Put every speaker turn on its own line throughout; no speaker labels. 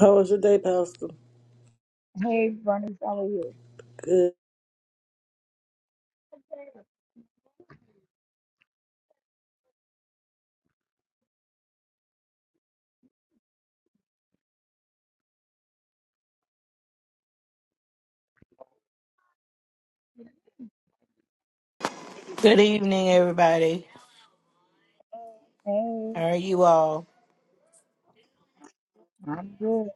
How was your day, Pastor?
Hey, Bernice, how are you?
Good.
Good evening, everybody. How are
Hey,
you all?
I'm good.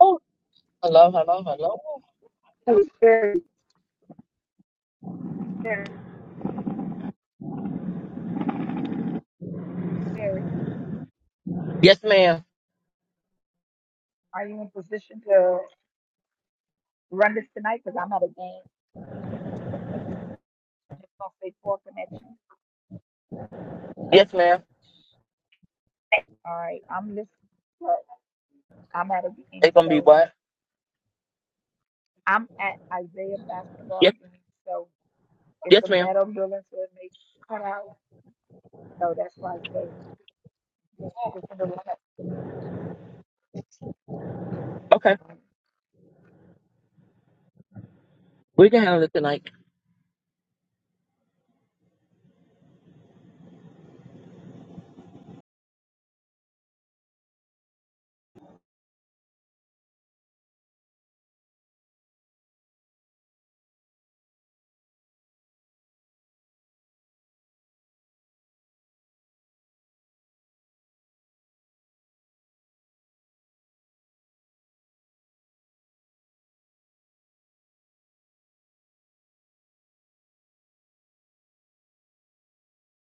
Oh, hello, hello, hello.
Who's Jerry? Jerry, Jerry.
Yes, ma'am.
Are you in position to run this tonight? Because I'm at a game. It's gonna say poor connection.
Yes, ma'am.
All right, I'm listening. but I'm at a game,
It's gonna be
so
what?
I'm at Isaiah basketball
Yes,
game. So it's
yes,
a
ma'am.
metal building, so it makes cut out. So that's why I say yeah, it's in the run up.
Okay, we can handle it tonight.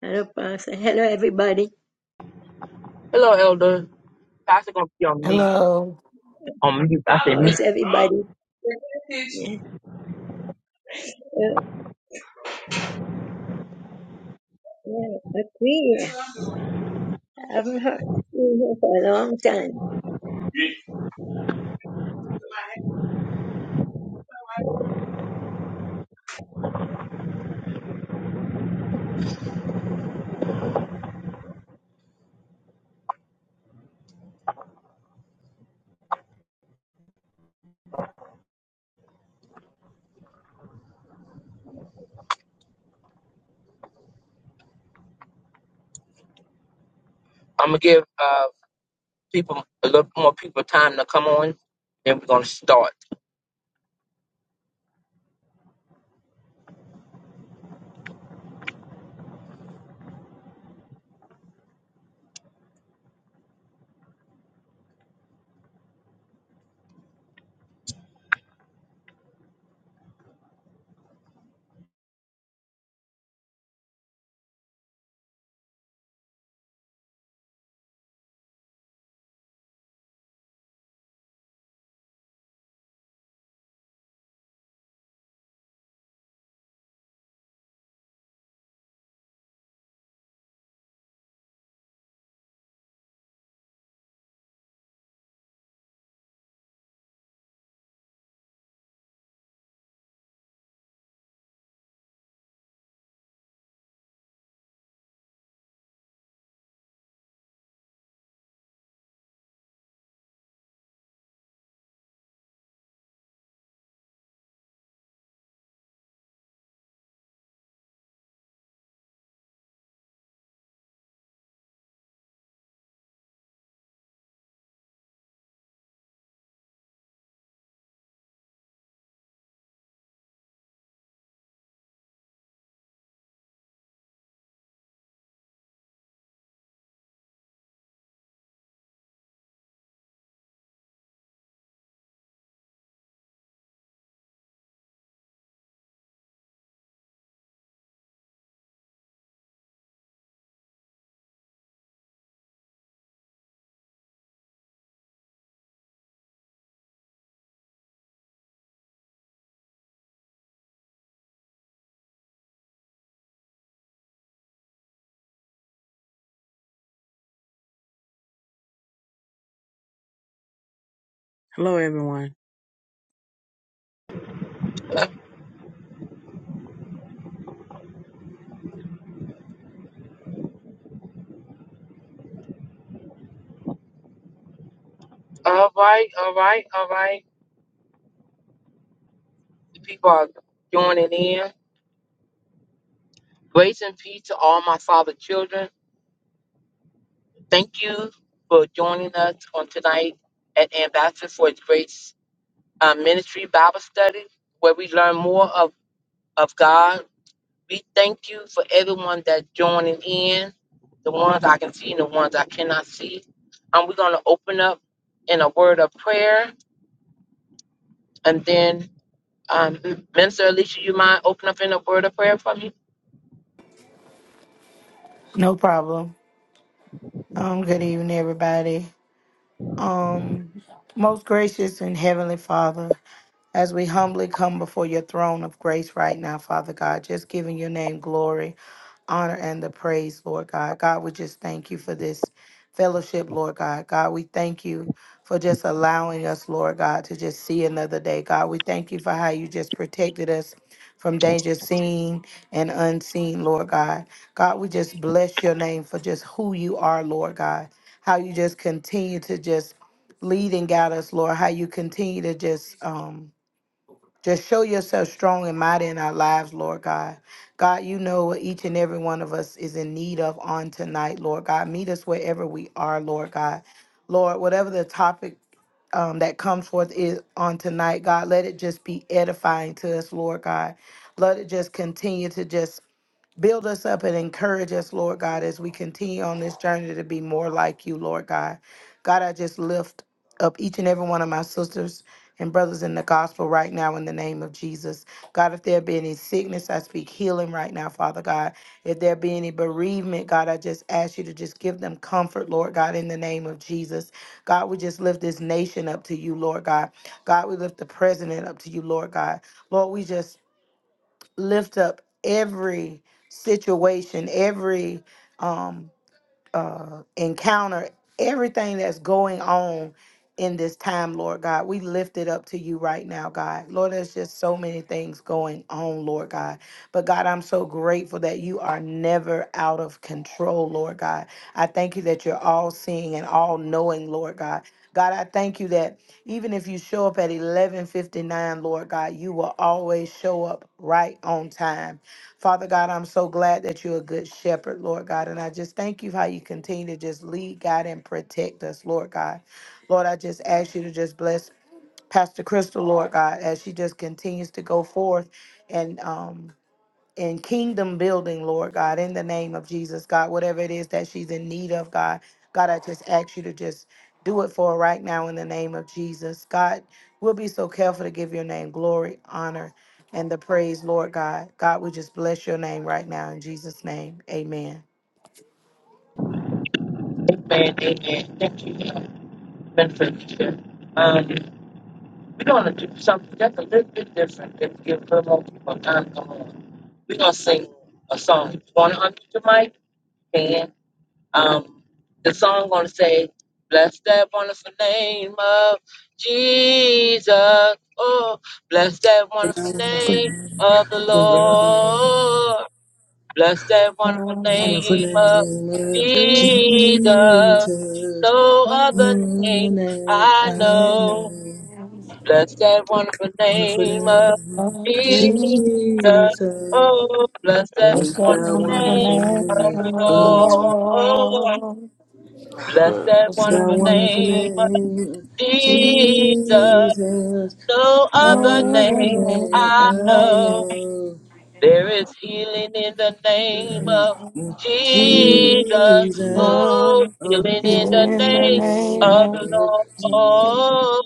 Hello, Pastor. Hello, everybody.
Hello, Elder. Pastor gonna be on me.
Hello.
On mute. I said
How
me.
is everybody? Yeah. Oh, yeah. Okay. I haven't heard you here for a long time. Mm.
I'm gonna give uh people a little more people time to come on. Then we're gonna start.
Hello, everyone.
All right, all right, all right. The people are joining in. Grace and peace to all my father children. Thank you for joining us on tonight at Ambassador for His Grace uh, ministry Bible study where we learn more of, of God. We thank you for everyone that's joining in, the ones I can see and the ones I cannot see. Um, we're going to open up in a word of prayer. And then, um, Minister Alicia, you mind open up in a word of prayer for me?
No problem. Um, good evening, everybody. Um. Most gracious and heavenly Father, as we humbly come before your throne of grace right now, Father God, just giving your name glory, honor, and the praise, Lord God. God, we just thank you for this fellowship, Lord God. God, we thank you for just allowing us, Lord God, to just see another day. God, we thank you for how you just protected us from danger seen and unseen, Lord God. God, we just bless your name for just who you are, Lord God. How you just continue to just lead and guide us, Lord, how you continue to just um just show yourself strong and mighty in our lives, Lord God. God, you know what each and every one of us is in need of on tonight, Lord God. Meet us wherever we are, Lord God. Lord, whatever the topic um, that comes forth is on tonight, God, let it just be edifying to us, Lord God. Let it just continue to just Build us up and encourage us, Lord God, as we continue on this journey to be more like you, Lord God. God, I just lift up each and every one of my sisters and brothers in the gospel right now in the name of Jesus. God, if there be any sickness, I speak healing right now, Father God. If there be any bereavement, God, I just ask you to just give them comfort, Lord God, in the name of Jesus. God, we just lift this nation up to you, Lord God. God, we lift the president up to you, Lord God. Lord, we just lift up every situation, every um, uh, encounter everything that's going on in this time, Lord God. We lift it up to you right now, God. Lord, there's just so many things going on, Lord God. But God, I'm so grateful that you are never out of control, Lord God. I thank you that you're all seeing and all knowing, Lord God. God, I thank you that even if you show up at 11:59, Lord God, you will always show up right on time. Father God, I'm so glad that you're a good shepherd, Lord God. And I just thank you how you continue to just lead, God, and protect us, Lord God. Lord, I just ask you to just bless Pastor Crystal, Lord God, as she just continues to go forth and um in kingdom building, Lord God, in the name of Jesus, God, whatever it is that she's in need of, God, God, I just ask you to just do it for her right now in the name of Jesus. God, we'll be so careful to give your name glory, honor, and the praise, Lord God. God, we just bless your name right now in Jesus' name. Amen.
Amen. Amen. Thank you, uh, Minister Alicia. Um, we're going to do something just a little bit different Let's give a little more people time to come on. We're going to sing a song. You want to unmute your mic? Um, the song gonna say, "Bless that wonderful name of Jesus." Oh, bless that wonderful
Wonderful
name
name,
of the Lord. Bless that wonderful
wonderful
name of
name of
Jesus.
Jesus.
Jesus.
No other
Wonderful
name
name,
I
I
know.
name.
Bless that wonderful
Wonderful
name of
name of
Jesus.
Jesus.
Oh, bless
Oh,
that
Bless
that
the
wonderful
wonderful
name
name
of the
name.
of the
Oh,
Lord. Oh,
Lord.
Bless
Uh,
that
There's no
that
wonderful
other
wonderful
name but
name of
name. of
Jesus.
Jesus.
Jesus.
No
No other
other
You're the
name, no
name
other name
name
I
I
know.
know.
There is healing in the name of
but Jesus.
Jesus.
Jesus,
Oh,
oh,
healing
hear
in
him
You
the
in
in the
the
name
name
of
name
of
the
of
Lord.
Jesus.
Jesus.
oh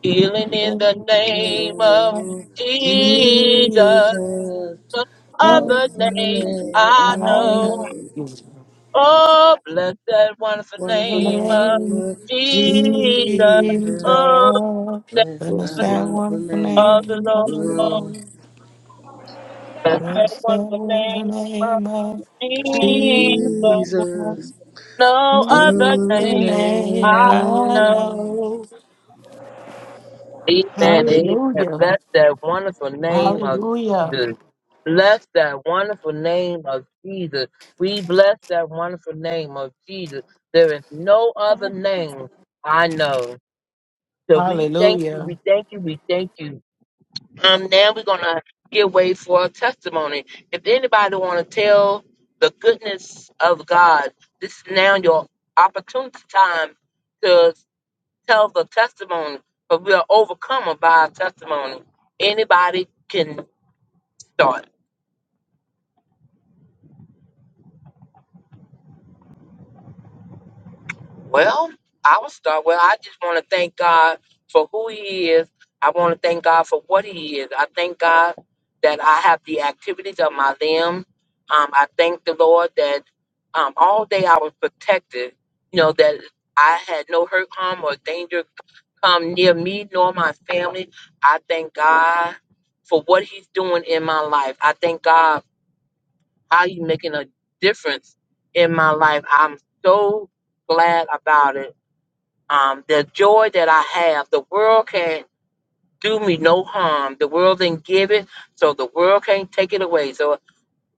Healing in
in
the
the
name
name
of
of
No,
Jesus.
Jesus.
Jesus,
No
the
No,
other
name
name
I
I
know
I
know.
know,
you.
Oh, bless that wonderful
In the
wonderful
name of
name
name of
of
Jesus.
Jesus.
Jesus.
Oh, that's
Bless
When it's
thy
the name
that
wonderful
wonderful
name,
of the
name of
oh
the
Lord.
Lord
Lord.
Bless that
Bless the
wonderful
holy
name of
name of Jesus.
Jesus.
Jesus,
No other
Know
the
Your
name
name
name
I
I
I
know.
know.
know.
Amen. Amen.
Hallelujah.
Bless that wonderful name of
Hallelujah.
Jesus. Bless that wonderful name of Jesus. We bless that wonderful name of Jesus. There is no other name I know. So we thank you,
Hallelujah.
we thank you, we thank you. Um, now we're gonna give way for a testimony. If anybody wanna tell the goodness of God, this is now your opportunity time to tell the testimony, but we are overcome by our testimony. Anybody can start. Well, I will start. Well, I just want to thank God for who He is. I want to thank God for what He is. I thank God that I have the activities of my limbs. Um, I thank the Lord that um, all day I was protected. You know that I had no hurt, harm, or danger come near me nor my family. I thank God for what He's doing in my life. I thank God how He's making a difference in my life. I'm so glad about it um, the joy that I have, the world can't do me no harm. The world didn't give it, so the world can't take it away. So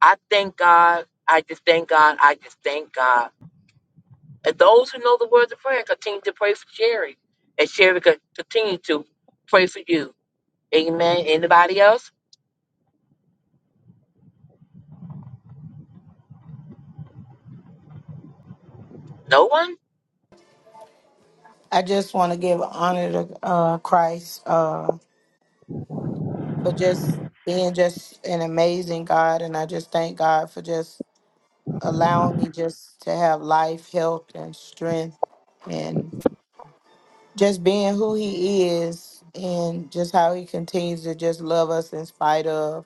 I thank God. I just thank God. I just thank God. And those who know the words of prayer continue to pray for Sherry, and Sherry can continue to pray for you. Amen. Anybody else? No one?
I just want to give honor to uh, Christ uh, for just being just an amazing God. And I just thank God for just allowing me just to have life, health, and strength. and. just being who he is and just how he continues to just love us in spite of.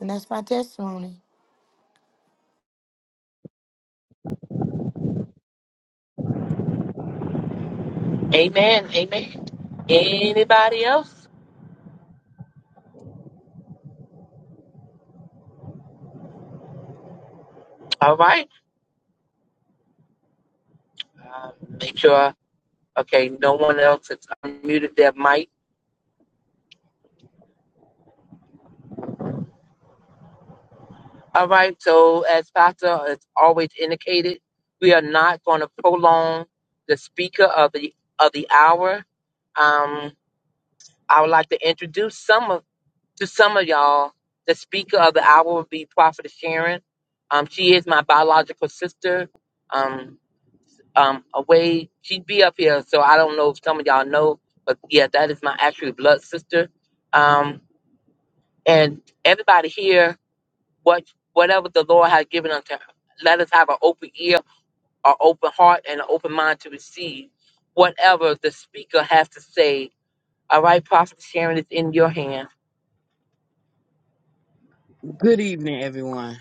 And that's my testimony.
Amen. Amen. Anybody else? All right. Uh, make sure. Okay, no one else has unmuted their mic. All right, so as Pastor has always indicated, we are not going to prolong the speaker of the of the hour. Um, I would like to introduce some of to some of y'all. The speaker of the hour will be Prophetess Sharon. Um, she is my biological sister. Um, um, away she'd be up here, so I don't know if some of y'all know, but yeah, that is my actual blood sister. Um, and everybody here what whatever the Lord has given unto her. Let us have an open ear, an open heart, and an open mind to receive whatever the speaker has to say. All right, Prophet Sharon is in your hands.
Good evening, everyone.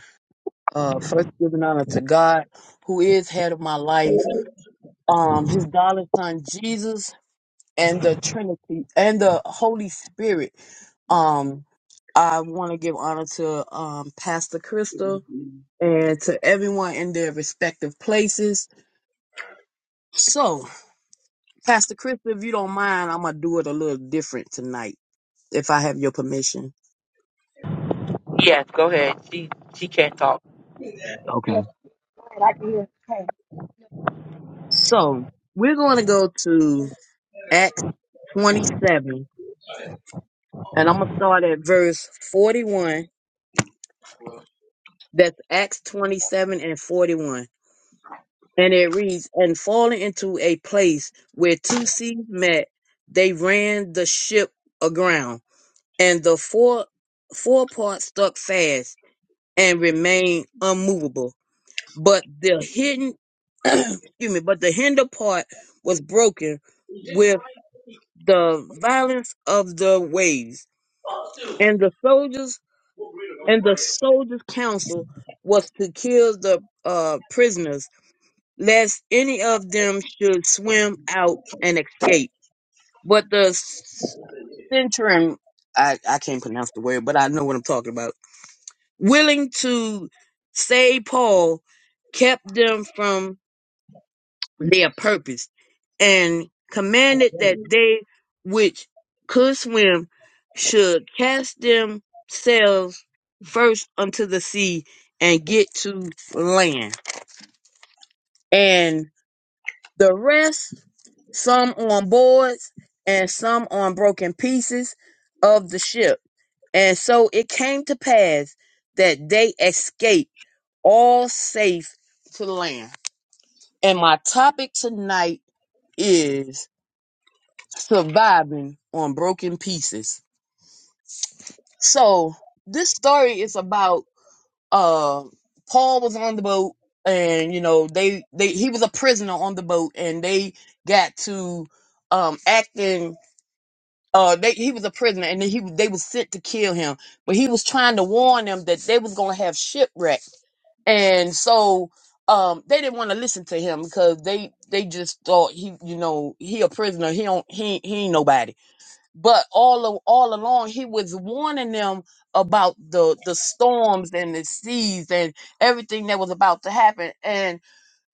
Uh, first, giving honor to God, who is head of my life, um, His darling Son Jesus, and the Trinity and the Holy Spirit. Um, I want to give honor to um Pastor Crystal and to everyone in their respective places. So, Pastor Crystal, if you don't mind, I'm gonna do it a little different tonight, if I have your permission.
Yes, go ahead. She she can't talk.
Okay.
Yes, go ahead, I can hear. Hey,
So, we're going to go to Acts 27. And I'm going to start at verse 41. That's Acts 27 and 41. And it reads, And falling into a place where two seas met, they ran the ship aground, and the fore forepart stuck fast and remained unmovable. But the hidden, excuse me, but the hinder part was broken with the violence of the waves. And the soldiers and the soldiers' counsel was to kill the uh, prisoners, lest any of them should swim out and escape. But the s- centurion, I, I can't pronounce the word, but I know what I'm talking about, willing to save Paul, kept them from their purpose and commanded that they which could swim should cast themselves first unto the sea and get to land. And the rest, some on boards and some on broken pieces of the ship. And so it came to pass that they escaped all safe to land. And my topic tonight is surviving on broken pieces. So this story is about uh Paul was on the boat and you know they they he was a prisoner on the boat and they got to um acting uh they he was a prisoner and then he they was sent to kill him but he was trying to warn them that they was going to have shipwreck and so um they didn't want to listen to him because they they just thought he you know he a prisoner he don't he he ain't nobody but all of, all along he was warning them about the the storms and the seas and everything that was about to happen and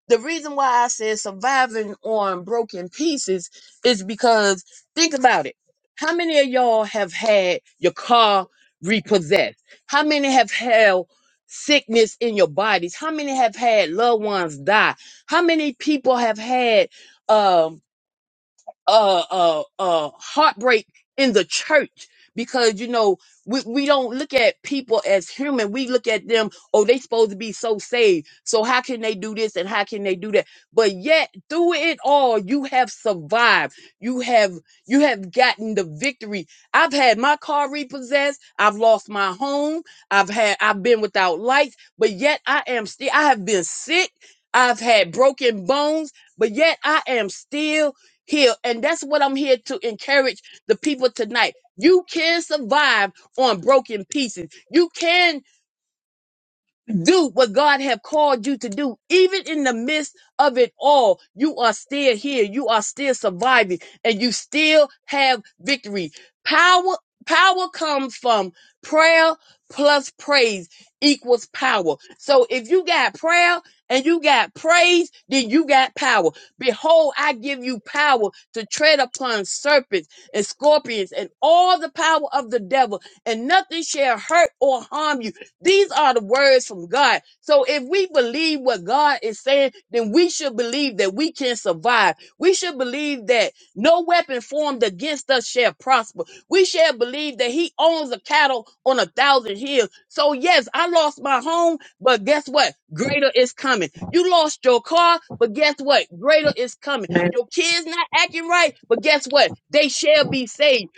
the reason why i said surviving on broken pieces is because think about it how many of y'all have had your car repossessed how many have had sickness in your bodies how many have had loved ones die how many people have had um uh uh uh heartbreak in the church because you know we, we don't look at people as human we look at them oh they supposed to be so saved so how can they do this and how can they do that but yet through it all you have survived you have you have gotten the victory i've had my car repossessed i've lost my home i've had i've been without lights but yet i am still i have been sick i've had broken bones but yet i am still healed. And that's what I'm here to encourage the people tonight. You can survive on broken pieces. You can do what God have called you to do, even in the midst of it all, you are still here. You are still surviving and you still have victory. Power, power comes from prayer plus praise equals power. So if you got prayer and you got praise, then you got power. Behold, I give you power to tread upon serpents and scorpions and all the power of the devil and nothing shall hurt or harm you these are the words from God. So if we believe what God is saying, then we should believe that we can survive. We should believe that no weapon formed against us shall prosper. We shall believe that he owns the cattle on a thousand hills. So yes, I lost my home, but guess what? Greater is coming. You lost your car, but guess what? Greater is coming.
Amen.
Your kids not acting right, but guess what? They shall be saved.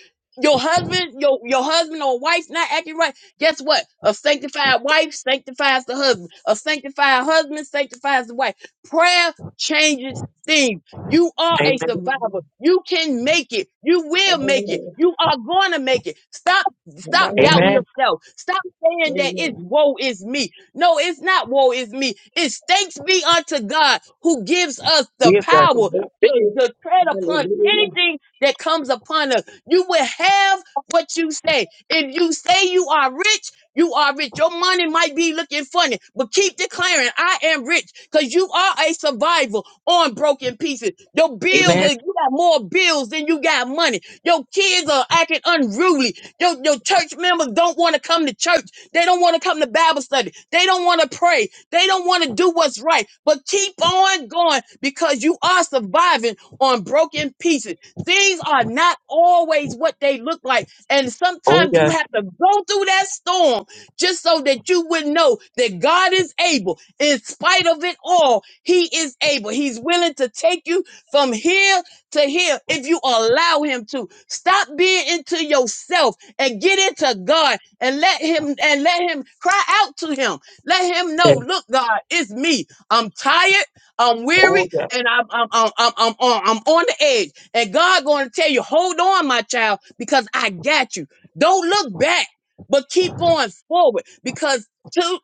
Your husband, your your husband or wife not acting right Guess what? A sanctified wife sanctifies the husband. A sanctified husband sanctifies the wife. Prayer changes things. You are a
Amen.
survivor. You can make it. You will make it.
Hallelujah.
You are going to make it. Stop stop doubting
Hallelujah.
Amen.
yourself. Stop saying that it's
Amen.
woe is me. No, it's not woe is me. It's thanks be unto God who gives us the
Yes, God.
The
power
victory
to,
is
to tread upon
hallelujah.
anything that comes upon us. You will have what you say. If you say you are rich, you are rich. Your money might be looking funny, but keep declaring, I am rich because you are a survivor on broken pieces. Your bills,
Amen.
are, you got more bills than you got money. Your kids are acting unruly. Your, your church members don't want to come to church. They don't want to come to Bible study. They don't want to pray. They don't want to do what's right. But keep on going because you are surviving on broken pieces. Things are not always what they look like and
Oh
sometimes you
yes.
have to go through that storm just so that you would know that God is able. In spite of it all, He is able. He's willing to take you from here to here if you allow Him to. Stop being into yourself and get into God and let Him and let Him cry out to Him. Let Him
yes.
know, look, God, it's me. I'm tired. I'm
Oh
weary
yes.
and I'm I'm I'm I'm I'm on, I'm on the edge and God going to tell you, hold on, my child, because I got you. Don't look back, but keep going forward because to,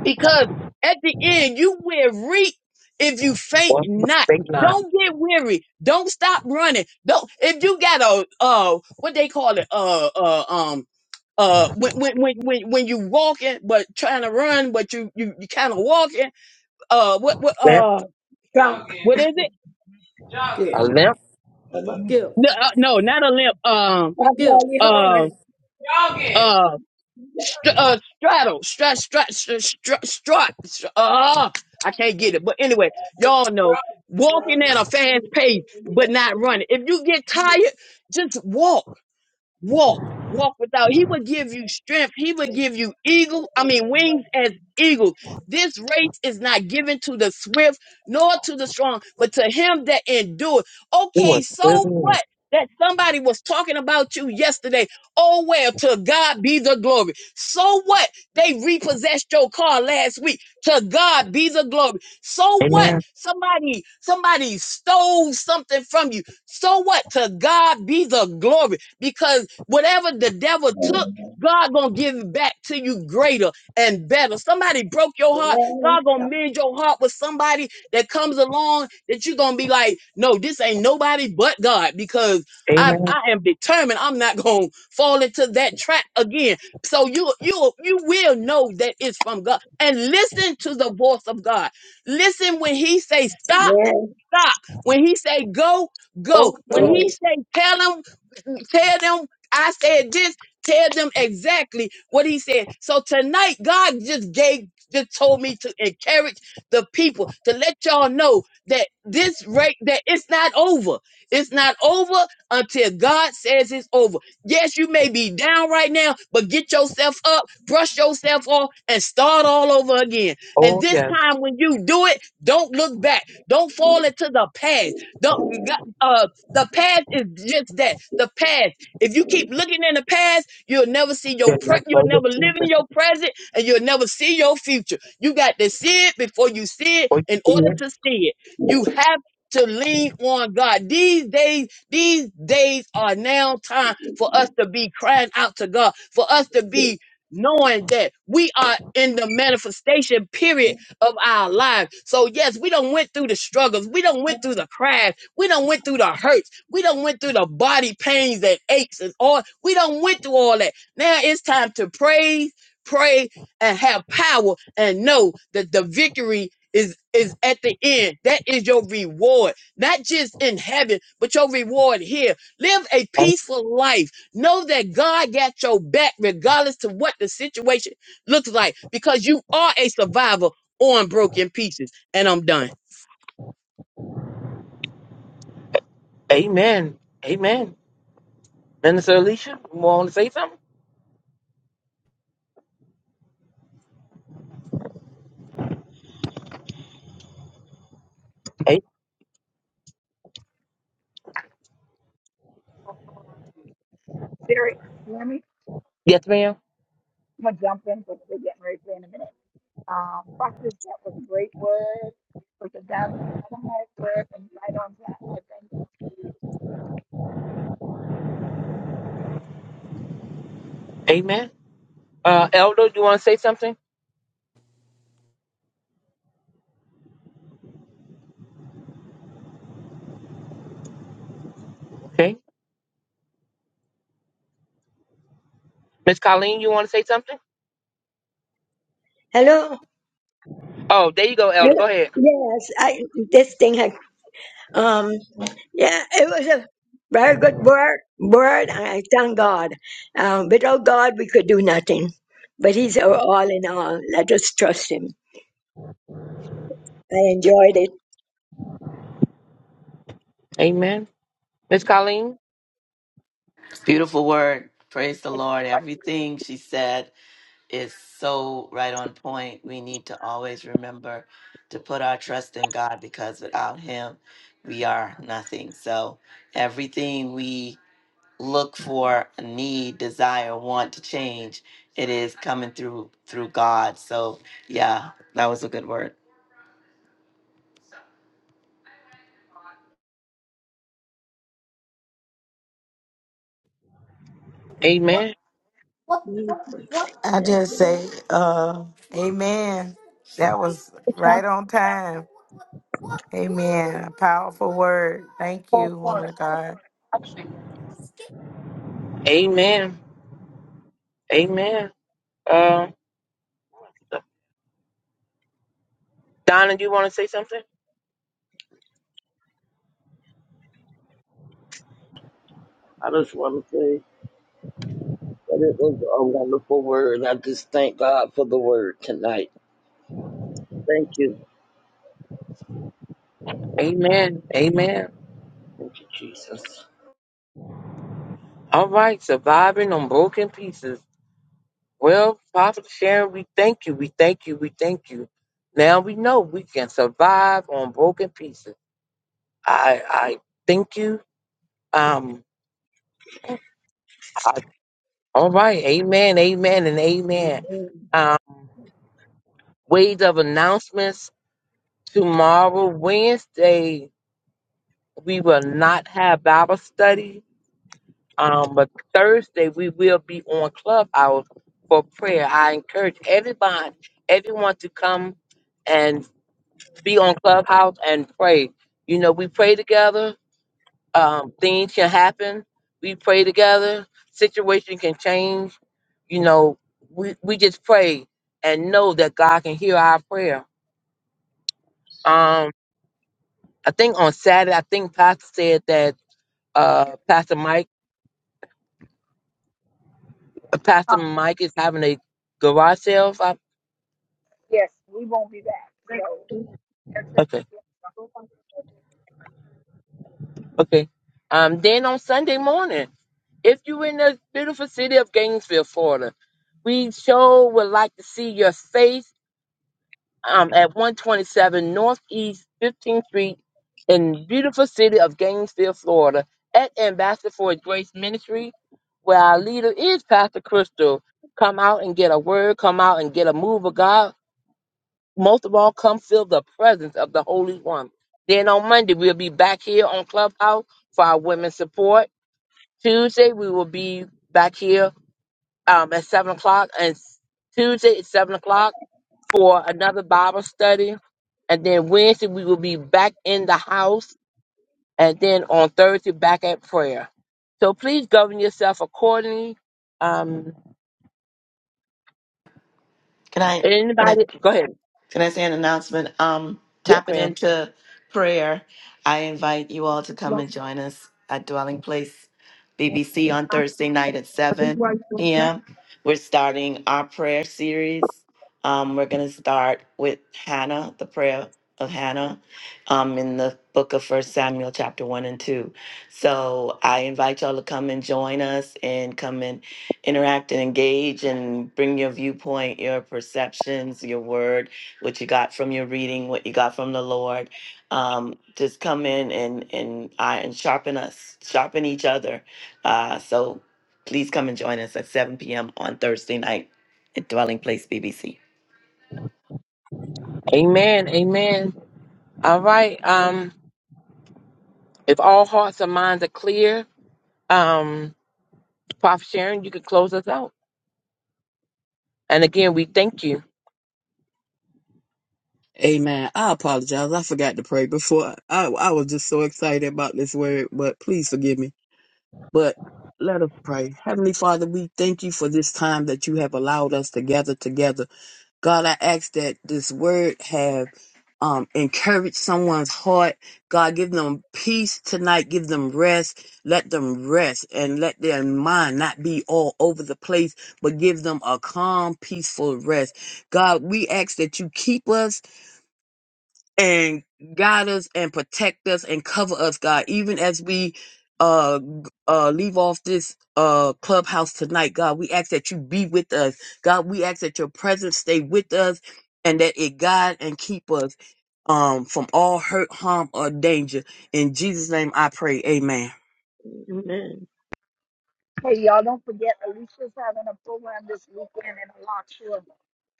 because at the end you will reap if you faint
One
not.
straight line.
Don't get weary. Don't stop running. Don't if you got a uh what they call it uh uh um uh when when when when, when you walking but trying to run but you you, you kind of walking uh what what
Left.
uh
Trump.
what is it
Guilt,
A
That's
left.
guilt,
no uh, no not a limp um
guilt.
all you
uh
heard. Yes,
uh St- uh, straddle, strat, strat, strat, strat, strat. st- Uh, I can't get it. But anyway, y'all know walking at a fast pace, but not running. If you get tired, just walk walk, walk without. He would give you strength. He would give you eagle, I mean wings as eagles. This race is not given to the swift nor to the strong, but to him that endures.
Two a
Okay,
to
so
the end.
what? That somebody was talking about you yesterday. Oh well, to God be the glory. So what? They repossessed your car last week. To God be the glory. So what?
Amen.
Somebody, somebody stole something from you. So what? To God be the glory because whatever the devil took, God gonna give it back to you greater and better. Somebody broke your heart.
yes,
God gonna mend your heart with somebody that comes along that you're gonna be like, no, this ain't nobody but God because I,
Amen.
I am determined I'm not gonna fall into that trap again. So you you you will know that it's from God. And listen to the voice of God. Listen when he say stop stop. When he say go, go.
Oh
When
so.
he
yes.
say tell them, tell them I said this, tell them exactly what he said. So tonight, God just gave, just told me to encourage the people to let y'all know that this rate that it's not over. It's not over until God says it's over. Yes, you may be down right now, but get yourself up, brush yourself off, and start all over again. And
Oh
this
yes.
time when you do it, don't look back. Don't fall into the past. Don't you got- uh the past is just that. The past. If you keep looking in the past, you'll never see your
Yes,
pre-
that's
you'll
all the
never live in
people.
your present and you'll never see your future. You got to see it before you see it
Oh, you
in order
see
to see it. You have to lean on God. These days, these days are now time for us to be crying out to God, for us to be knowing that we are in the manifestation period of our lives. So yes, we don't went through the struggles. We don't went through the crash. We don't went through the hurts. We don't went through the body pains and aches and all. We don't went through all that. Now it's time to praise, pray, and have power and know that the victory is is at the end. That is your reward, not just in heaven, but your reward here. Live a
it?
peaceful life. Know that God got your back regardless to what the situation looks like because you are a survivor on broken pieces. And I'm done.
Amen. Amen. Minister Alicia, you want to say something? Hey,
Jerry, you hear me?
yes, ma'am.
I'm gonna jump in because we're getting ready to play in a minute. Um, practice that was a great word. Put the down on that word and right on that. And I thank
Amen. Uh, Elder, you want to say something? Okay. Miss Colleen, you want to say something?
Hello.
Oh, there you go,
Hello.
Elder. Go ahead.
Yes, I. This thing had. um, Yeah, it was a very good word. Word, and I thank God. Um, without God, we could do nothing. But He's our all in all. Let us trust Him. I enjoyed it.
Amen. Miss Colleen.
Beautiful word. Praise the Lord. Everything she said is so right on point. We need to always remember to put our trust in God because without Him, we are nothing. So everything we look for, need, desire, want to change, it is coming through through God. So yeah, that was a good word.
Amen.
I
Thank
just
you,
say,
Lord.
uh, Amen. That was right on time. Amen. A powerful word. Thank you, woman of God.
Amen. Amen. Um, Donna, you want to say something?
I just want to say that it was a wonderful word. I just thank God for the word tonight. Thank you.
Amen. Amen.
Thank you, Jesus.
All right. Surviving on broken pieces. Well, Prophet Sharon, we thank you. We thank you. We thank you. Now we know we can survive on broken pieces. I I thank you Um, I- all right, amen, amen, and amen. Um, ways of announcements tomorrow, Wednesday, we will not have Bible study. Um, but Thursday we will be on Clubhouse for prayer. I encourage everyone, everyone to come and be on Clubhouse and pray. You know, we pray together um, things can happen. We pray together. Situation can change. You know, we, we just pray and know that God can hear our prayer. Um, I think on Saturday, I think Pastor said that uh, Pastor Mike, uh, Pastor
Um,
Mike is having a garage sale. If I,
yes, we won't be back. So our church is
okay,
here.
okay. Um, then on Sunday morning, if you're in the beautiful city of Gainesville, Florida, we sure would like to see your face um, at 127 Northeast 15th Street in beautiful city of Gainesville, Florida, at Ambassador for Grace Ministry, where our leader is Pastor Crystal. Come out and get a word, come out and get a move of God. Most of all, come feel the presence of the Holy One. Then on Monday, we'll be back here on Clubhouse for our women's support. Tuesday, we will be back here um, at 7 o'clock, and Tuesday at 7 o'clock for another Bible study and then Wednesday, we will be back in the house. And then on Thursday, back at prayer. So please govern yourself accordingly. Um,
Can I? Can I?
anybody, go ahead.
Can I say an announcement? Um,
Yes,
tap it
ma'am.
into prayer. I invite you all to come and join us at Dwelling Place BBC on Thursday night at 7 p.m. We're starting our prayer series. Um, we're going to start with Hannah, the prayer of Hannah, um, in the book of First Samuel, chapter 1 and 2. So I invite y'all to come and join us and come and interact and engage and bring your viewpoint, your perceptions, your word what you got from your reading, what you got from the Lord. Um, just come in and and I and sharpen us, sharpen each other. Uh, so please come and join us at 7 p.m. on Thursday night at Dwelling Place BBC.
Amen. Amen. All right. Um, if all hearts and minds are clear, um, Prophet Sharon, you can close us out. And again, we thank you.
Amen. I apologize. I forgot to pray before. I, I was just so excited about this word, but please forgive me. But let us pray. Heavenly Father, we thank you for this time that you have allowed us to gather together God, I ask that this word have um, encouraged someone's heart. God, give them peace tonight. Give them rest. Let them rest and let their mind not be all over the place, but give them a calm, peaceful rest. God, we ask that you keep us and guide us and protect us and cover us, God, even as we uh uh leave off this uh clubhouse tonight, God. We ask that you be with us. God, we ask that your presence stay with us and that it guide and keep us um from all hurt, harm, or danger. In Jesus' name I pray. Amen.
Amen.
Hey, y'all don't forget Alicia's having a program this weekend in a lot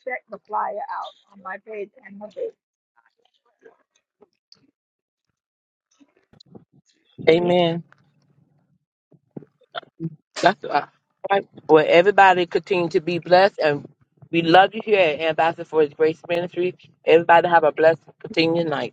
Check the flyer out on my page and her page.
Amen.
Amen. That's uh, right. Well, everybody continue to be blessed, and we love you here at Ambassador for His Grace Ministry. Everybody have a blessed, continued night.